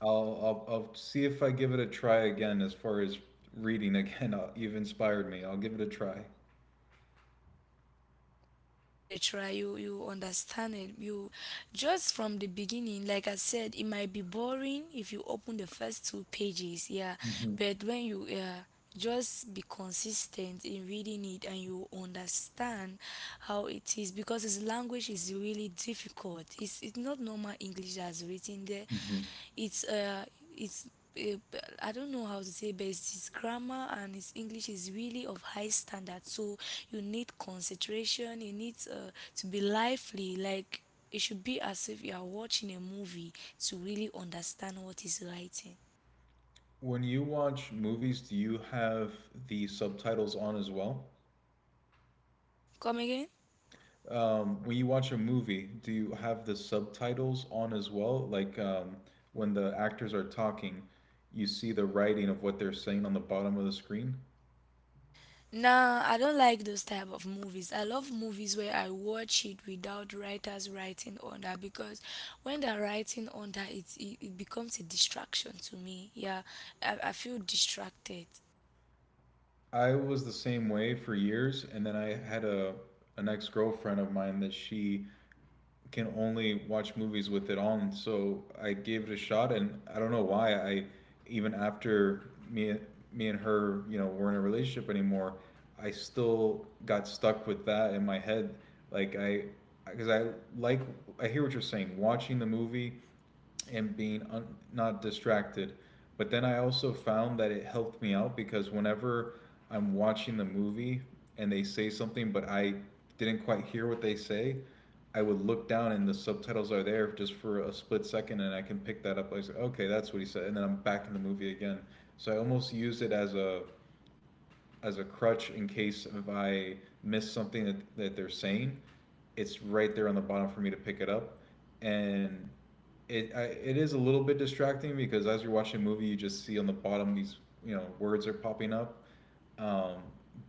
Speaker 2: I'll, I'll I'll see if I give it a try again as far as reading again. Uh, You've inspired me. I'll give it a try.
Speaker 3: Give try, you you understand it, you just from the beginning, like I said, it might be boring if you open the first two pages. Yeah,
Speaker 2: Mhm.
Speaker 3: but when you, uh, just be consistent in reading it, and you understand how it is, because his language is really difficult. It's it's not normal English that's written there.
Speaker 2: Mhm.
Speaker 3: it's uh it's eh, b- I don't know how to say, but it's his grammar, and his English is really of high standard. So you need concentration. You need, uh, to be lively. Like, it should be as if you are watching a movie to really understand what he's writing.
Speaker 2: When you watch movies, do you have the subtitles on as well?
Speaker 3: Come again?
Speaker 2: Um, when you watch a movie, do you have the subtitles on as well? Like um, when the actors are talking, you see the writing of what they're saying on the bottom of the screen?
Speaker 3: Nah, I don't like those type of movies. I love movies where I watch it without writers writing under, because when they're writing under it, it, it becomes a distraction to me. Yeah, I, I feel distracted.
Speaker 2: I was the same way for years, and then I had a an ex girlfriend of mine that she can only watch movies with it on. So I gave it a shot, and I don't know why I even after me me and her you know were in a relationship anymore, I still got stuck with that in my head. Like I because I like I hear what you're saying. Watching the movie and being un- not distracted. But then I also found that it helped me out because whenever I'm watching the movie and they say something, but I didn't quite hear what they say, I would look down and the subtitles are there just for a split second, and I can pick that up. I say, okay, that's what he said, and then I'm back in the movie again. So I almost used it as a as a crutch in case if I miss something that, that they're saying. It's right there on the bottom for me to pick it up, and it I, it is a little bit distracting because as you're watching a movie, you just see on the bottom these you know words are popping up. Um,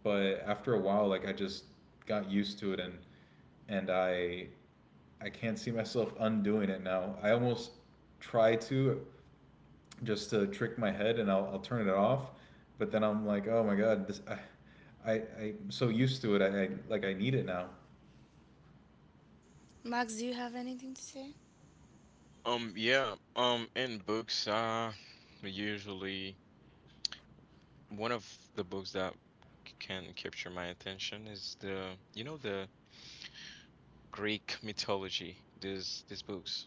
Speaker 2: but after a while, like I just got used to it, and and I I can't see myself undoing it now. I almost try to just to trick my head and I'll, I'll turn it off but then I'm like oh my god this i i i'm so used to it I, I like I need it now.
Speaker 3: Max, do you have anything to say?
Speaker 1: um yeah um in books, uh usually one of the books that c- can capture my attention is the you know the Greek mythology, these these books,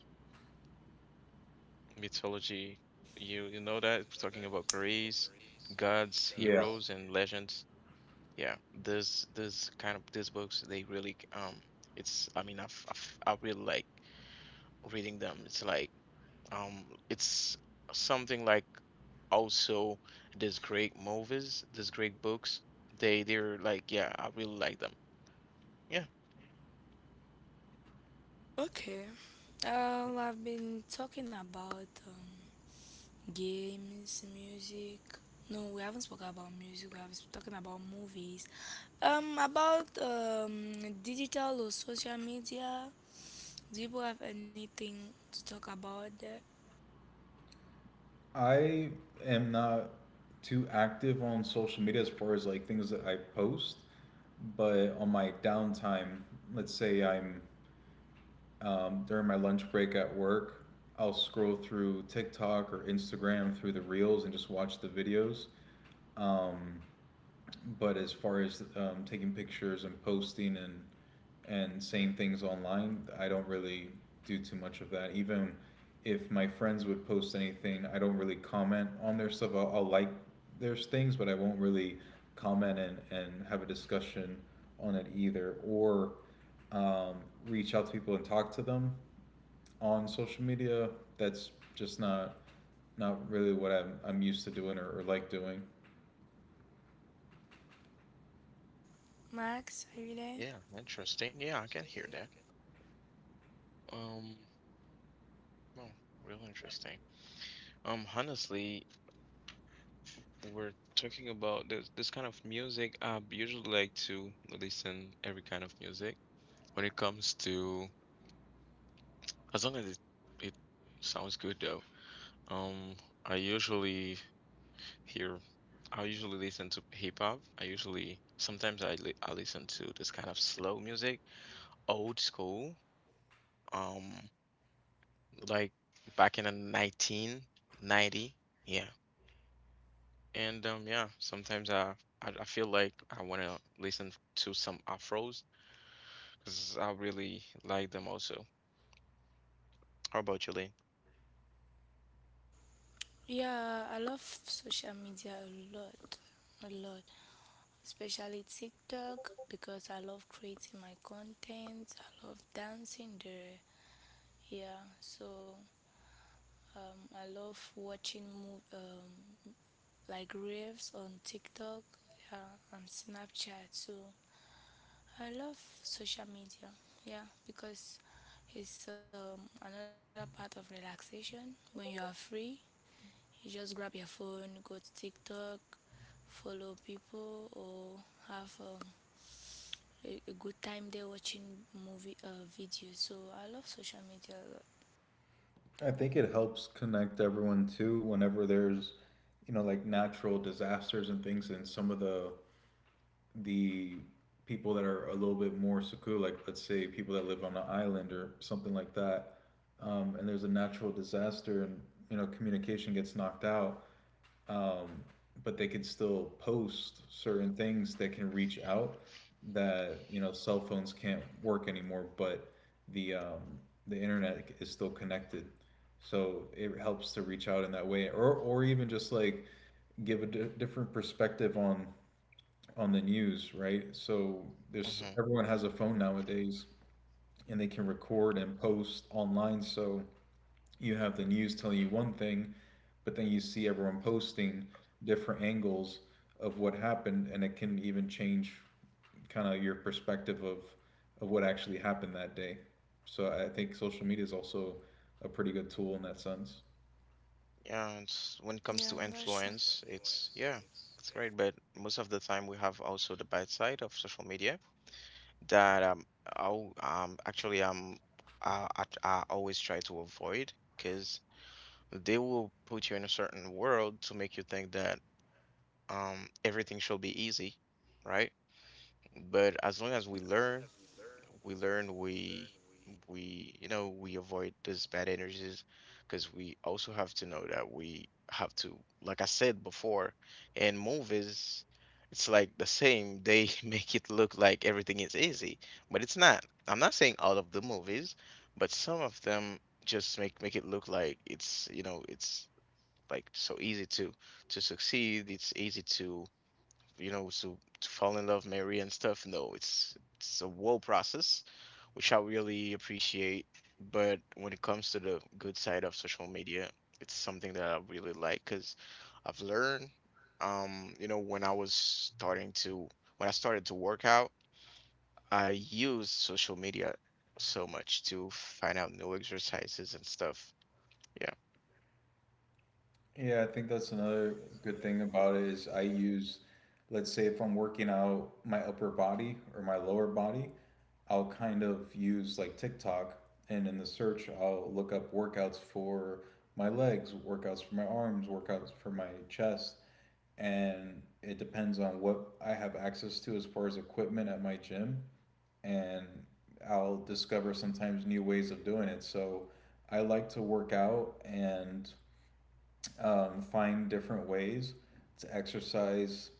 Speaker 1: mythology. you you know that it's talking about Greece, gods,
Speaker 2: Yeah,
Speaker 1: heroes and legends. Yeah, those those kind of these books, they really, um it's I mean, I've, I've I really like reading them. It's like, um it's something like also these great movies, these great books. They they're like, yeah, I really like them. Yeah.
Speaker 3: Okay. Um,
Speaker 1: Mhm.
Speaker 3: I've been talking about, um, games, music. No, we haven't spoken about music. We have been talking about movies. Um, about, um, digital or social media. Do you have anything to talk about there?
Speaker 2: I am not too active on social media as far as like things that I post but on my downtime let's say I'm um, during my lunch break at work I'll scroll through TikTok or Instagram through the reels and just watch the videos, um, but as far as um, taking pictures and posting and and saying things online, I don't really do too much of that. Even if my friends would post anything, I don't really comment on their stuff. I'll, I'll like their things, but I won't really comment and, and have a discussion on it either, or um, reach out to people and talk to them on social media. That's just not not really what I'm, I'm used to doing or, or like doing.
Speaker 3: Max, are you there?
Speaker 1: Yeah, interesting. Yeah, I can hear that. Um well, real interesting. Um honestly, we're talking about this this kind of music. I usually like to listen every kind of music. When it comes to, as long as it, it sounds good though, um, I usually hear, I usually listen to hip hop. I usually, sometimes I, li I listen to this kind of slow music, old school, um, like back in the nineteen ninety. Yeah. And um, yeah, sometimes I, I, I feel like I want to listen to some afros because I really like them also. How about you, Lane?
Speaker 3: Yeah, I love social media a lot, a lot, especially TikTok because I love creating my content. I love dancing there. Yeah, so, um, I love watching mo- um, like raves on TikTok, yeah, and Snapchat. So I love social media. Yeah, because it's, um, another part of relaxation. When you are free, you just grab your phone, go to TikTok, follow people, or have, um, a, a good time there watching movie, uh, videos. So I love social media a
Speaker 2: I think it helps connect everyone too whenever there's you know like natural disasters and things and some of the the people that are a little bit more secure like let's say people that live on an island or something like that, um, and there's a natural disaster and you know communication gets knocked out, um, but they can still post certain things that can reach out that you know cell phones can't work anymore, but the um, the internet is still connected. So it helps to reach out in that way, or or even just like give a di- different perspective on on the news, right? So there's everyone has a phone nowadays, and they can record and post online. So you have the news telling you one thing, but then you see everyone posting different angles of what happened, and it can even change kind of your perspective of of what actually happened that day. So I think social media is also a pretty good tool in that sense.
Speaker 1: Yeah, it's, when it
Speaker 3: lot.
Speaker 1: comes
Speaker 3: Yeah,
Speaker 1: to
Speaker 3: that's true.
Speaker 1: influence, it's yeah, it's great. But most of the time, we have also the bad side of social media that um, I'll, um actually, um I, I, I always try to avoid, because they will put you in a certain world to make you think that um everything should be easy, right? But as long as we learn we learn we we you know we avoid these bad energies, because we also have to know that we have to, like I said before, in movies it's like the same, they make it look like everything is easy, but it's not. I'm not saying all of the movies, but some of them just make make it look like it's you know it's like so easy to to succeed, it's easy to, you know, so to fall in love, marry and stuff. No, it's it's a whole process, which I really appreciate. But when it comes to the good side of social media, it's something that I really like, because I've learned, um, you know, when I was starting to when I started to work out, I used social media so much to find out new exercises and stuff.
Speaker 2: Yeah, I think that's another good thing about it is I use, let's say if I'm working out my upper body or my lower body, I'll kind of use like TikTok, and in the search I'll look up workouts for my legs, workouts for my arms, workouts for my chest, and it depends on what I have access to as far as equipment at my gym, and I'll discover sometimes new ways of doing it. So I like to work out and um, find different ways to exercise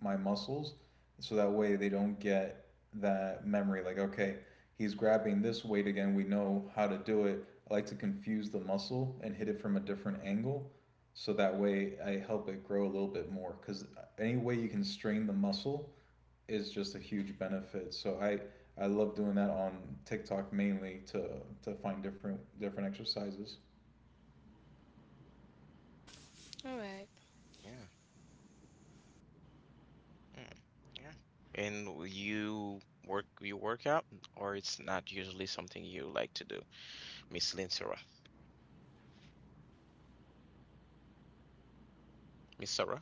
Speaker 2: my muscles so that way they don't get that memory like, okay, he's grabbing this weight again, we know how to do it. I like to confuse the muscle and hit it from a different angle so that way I help it grow a little bit more, because any way you can strain the muscle is just a huge benefit. So i i love doing that on TikTok, mainly to to find different different exercises.
Speaker 3: All right.
Speaker 1: Yeah. Mm. Yeah. And w- you work you work out, or it's not usually something you like to do, Miss Lynn Sarah? Miss Sarah?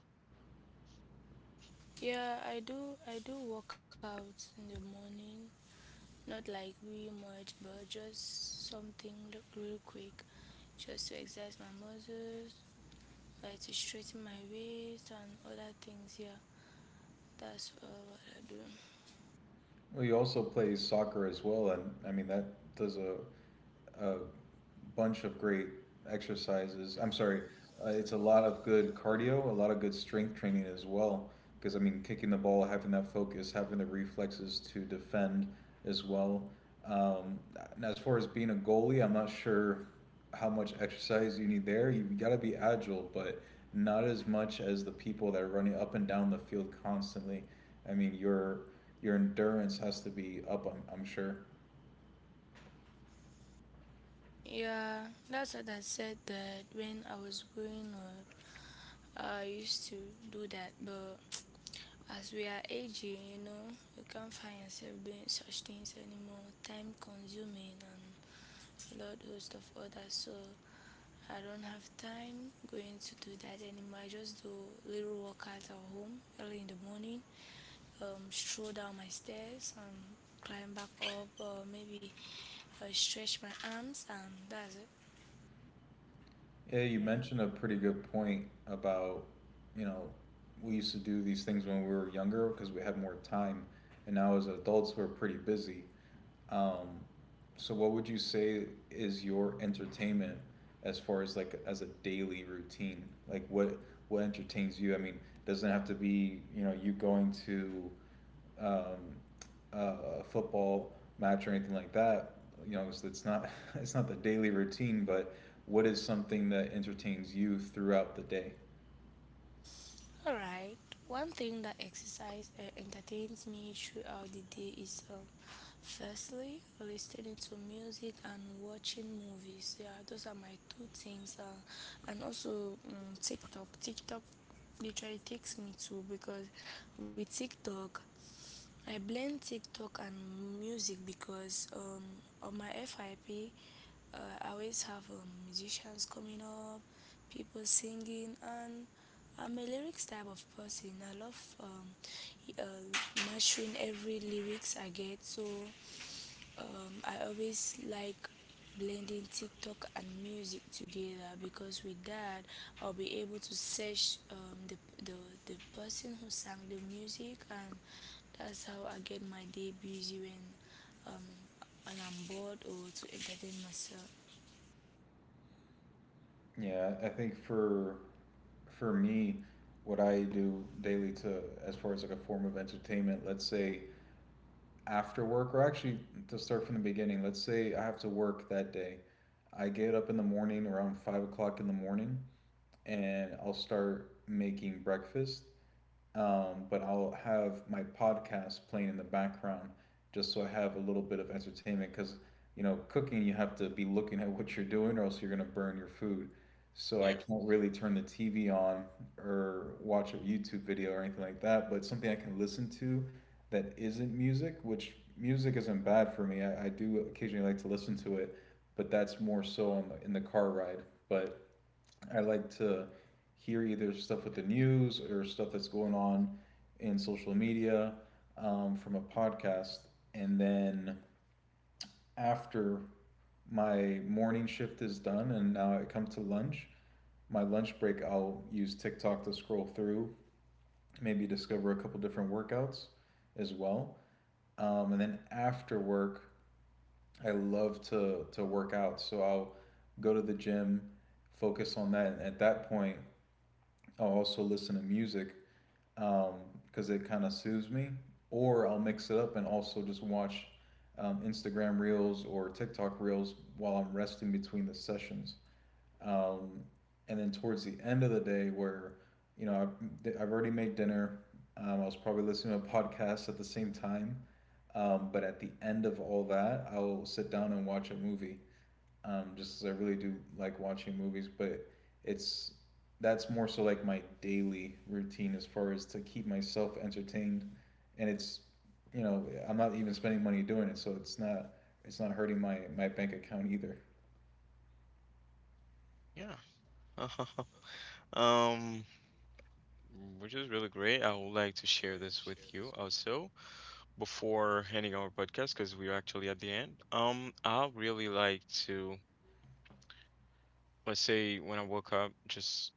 Speaker 3: Yeah, I do. I do work out in the morning. Not like real much, but just something l- real quick, just to exercise my muscles, like to straighten my waist and other things. Yeah, that's all what I do.
Speaker 2: Well, he also plays soccer as well, and I mean that does a a bunch of great exercises. I'm sorry, uh, it's a lot of good cardio, a lot of good strength training as well. Because I mean, kicking the ball, having that focus, having the reflexes to defend as well. Um, and as far as being a goalie, I'm not sure how much exercise you need there. You got to be agile, but not as much as the people that are running up and down the field constantly. I mean, your your endurance has to be up. I'm, I'm sure.
Speaker 3: Yeah, that's what I said. That when I was growing up, I used to do that, but as we are aging, you know, you can't find yourself doing such things anymore. Time consuming and a lot host of others, so I don't have time going to do that anymore. I just do little workout at home early in the morning, um, stroll down my stairs and climb back up, or maybe, uh, stretch my arms, and that's it.
Speaker 2: Yeah, you mentioned a pretty good point about, you know, we used to do these things when we were younger because we had more time, and now as adults we're pretty busy. Um, so what would you say is your entertainment as far as like as a daily routine? Like what what entertains you? I mean, doesn't have to be, you know, you going to um, uh, football match or anything like that. You know, it's, it's not it's not the daily routine, but what is something that entertains you throughout the day?
Speaker 3: Alright, one thing that exercise, uh, entertains me throughout the day is, um, firstly listening to music and watching movies. So, yeah, those are my two things. Uh, and also, um, TikTok. TikTok literally takes me to, because with TikTok I blend TikTok and music because, um, on my F Y P, uh, I always have, um, musicians coming up, people singing. And I'm a lyrics type of person. I love, um, y- uh, mastering every lyrics I get. So, um, I always like blending TikTok and music together, because with that I'll be able to search, um, the, the the person who sang the music. And that's how I get my day busy when um when I'm bored or to entertain myself.
Speaker 2: Yeah, I think for for me, what I do daily to as far as like a form of entertainment, let's say after work, or actually to start from the beginning, let's say I have to work that day. I get up in the morning around five o'clock in the morning and I'll start making breakfast, um, but I'll have my podcast playing in the background just so I have a little bit of entertainment, because you know, cooking, you have to be looking at what you're doing or else you're gonna burn your food. So I
Speaker 1: Yeah.
Speaker 2: can't really turn the T V on or watch a YouTube video or anything like that. But something I can listen to that isn't music, which music isn't bad for me. I, I do occasionally like to listen to it, but that's more so on the, in the car ride. But I like to hear either stuff with the news or stuff that's going on in social media, um, from a podcast. And then after my morning shift is done and now I come to lunch, my lunch break, I'll use TikTok to scroll through, maybe discover a couple different workouts as well. Um, and then after work, I love to, to work out. So I'll go to the gym, focus on that. And at that point, I'll also listen to music because um, it kind of soothes me, or I'll mix it up and also just watch um, Instagram reels or TikTok reels while I'm resting between the sessions. Um, and then towards the end of the day, where you know, I've, I've already made dinner. um, I was probably listening to a podcast at the same time. Um, but at the end of all that, I'll sit down and watch a movie, um, just just 'cause I really do like watching movies. But it's that's more so like my daily routine as far as to keep myself entertained, and it's you know I'm not even spending money doing it, so it's not it's not hurting my my bank account either.
Speaker 1: Yeah. Um, which is really great. I would like to share this with you also before ending our podcast, because we're actually at the end. Um, I really like to, let's say, when I woke up, just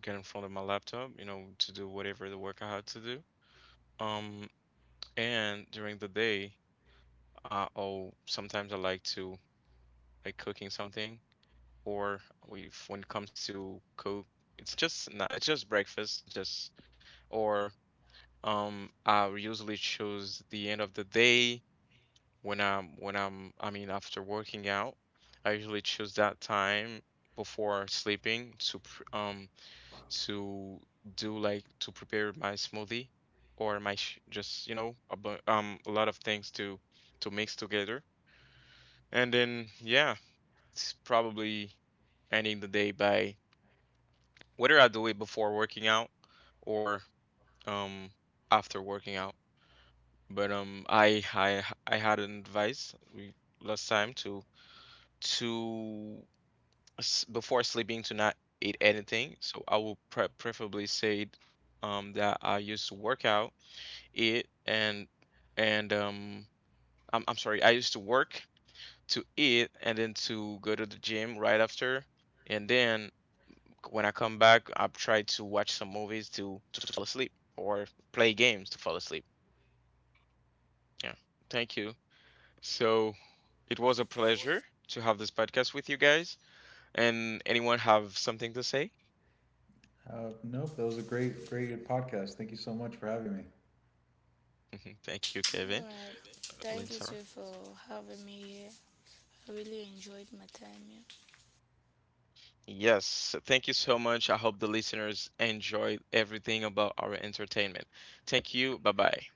Speaker 1: get in front of my laptop, you know, to do whatever the work I had to do. Um, and during the day, Uh, oh, sometimes I like to, like, cooking something, or we when it comes to cook, it's just not, it's just breakfast. It's just, or um, I usually choose the end of the day when I'm when I'm I mean after working out, I usually choose that time before sleeping to pr- um to do like to prepare my smoothie, or my sh just, you know a bu- um a lot of things to to mix together. And then, yeah, it's probably ending the day by whether I do it before working out or um after working out. But um I I I had an advice we, last time, to to s- before sleeping to not eat anything. So I will pre preferably say um that I used to work out, eat, and and um I'm I'm sorry, I used to work to eat and then to go to the gym right after, and then when I come back, I've tried to watch some movies to, to fall asleep or play games to fall asleep. Yeah. Thank you. So it was a pleasure to have this podcast with you guys. And anyone have something to say?
Speaker 2: Uh, nope, that was a great great podcast. Thank you so much for having me.
Speaker 1: Thank you,
Speaker 3: All
Speaker 1: Kevin.
Speaker 3: right. Thank
Speaker 1: Lynn,
Speaker 3: you
Speaker 1: Sarah.
Speaker 3: too for having me here. I really enjoyed my time here.
Speaker 1: Yes, thank you so much. I hope the listeners enjoyed everything about our entertainment. Thank you. Bye bye.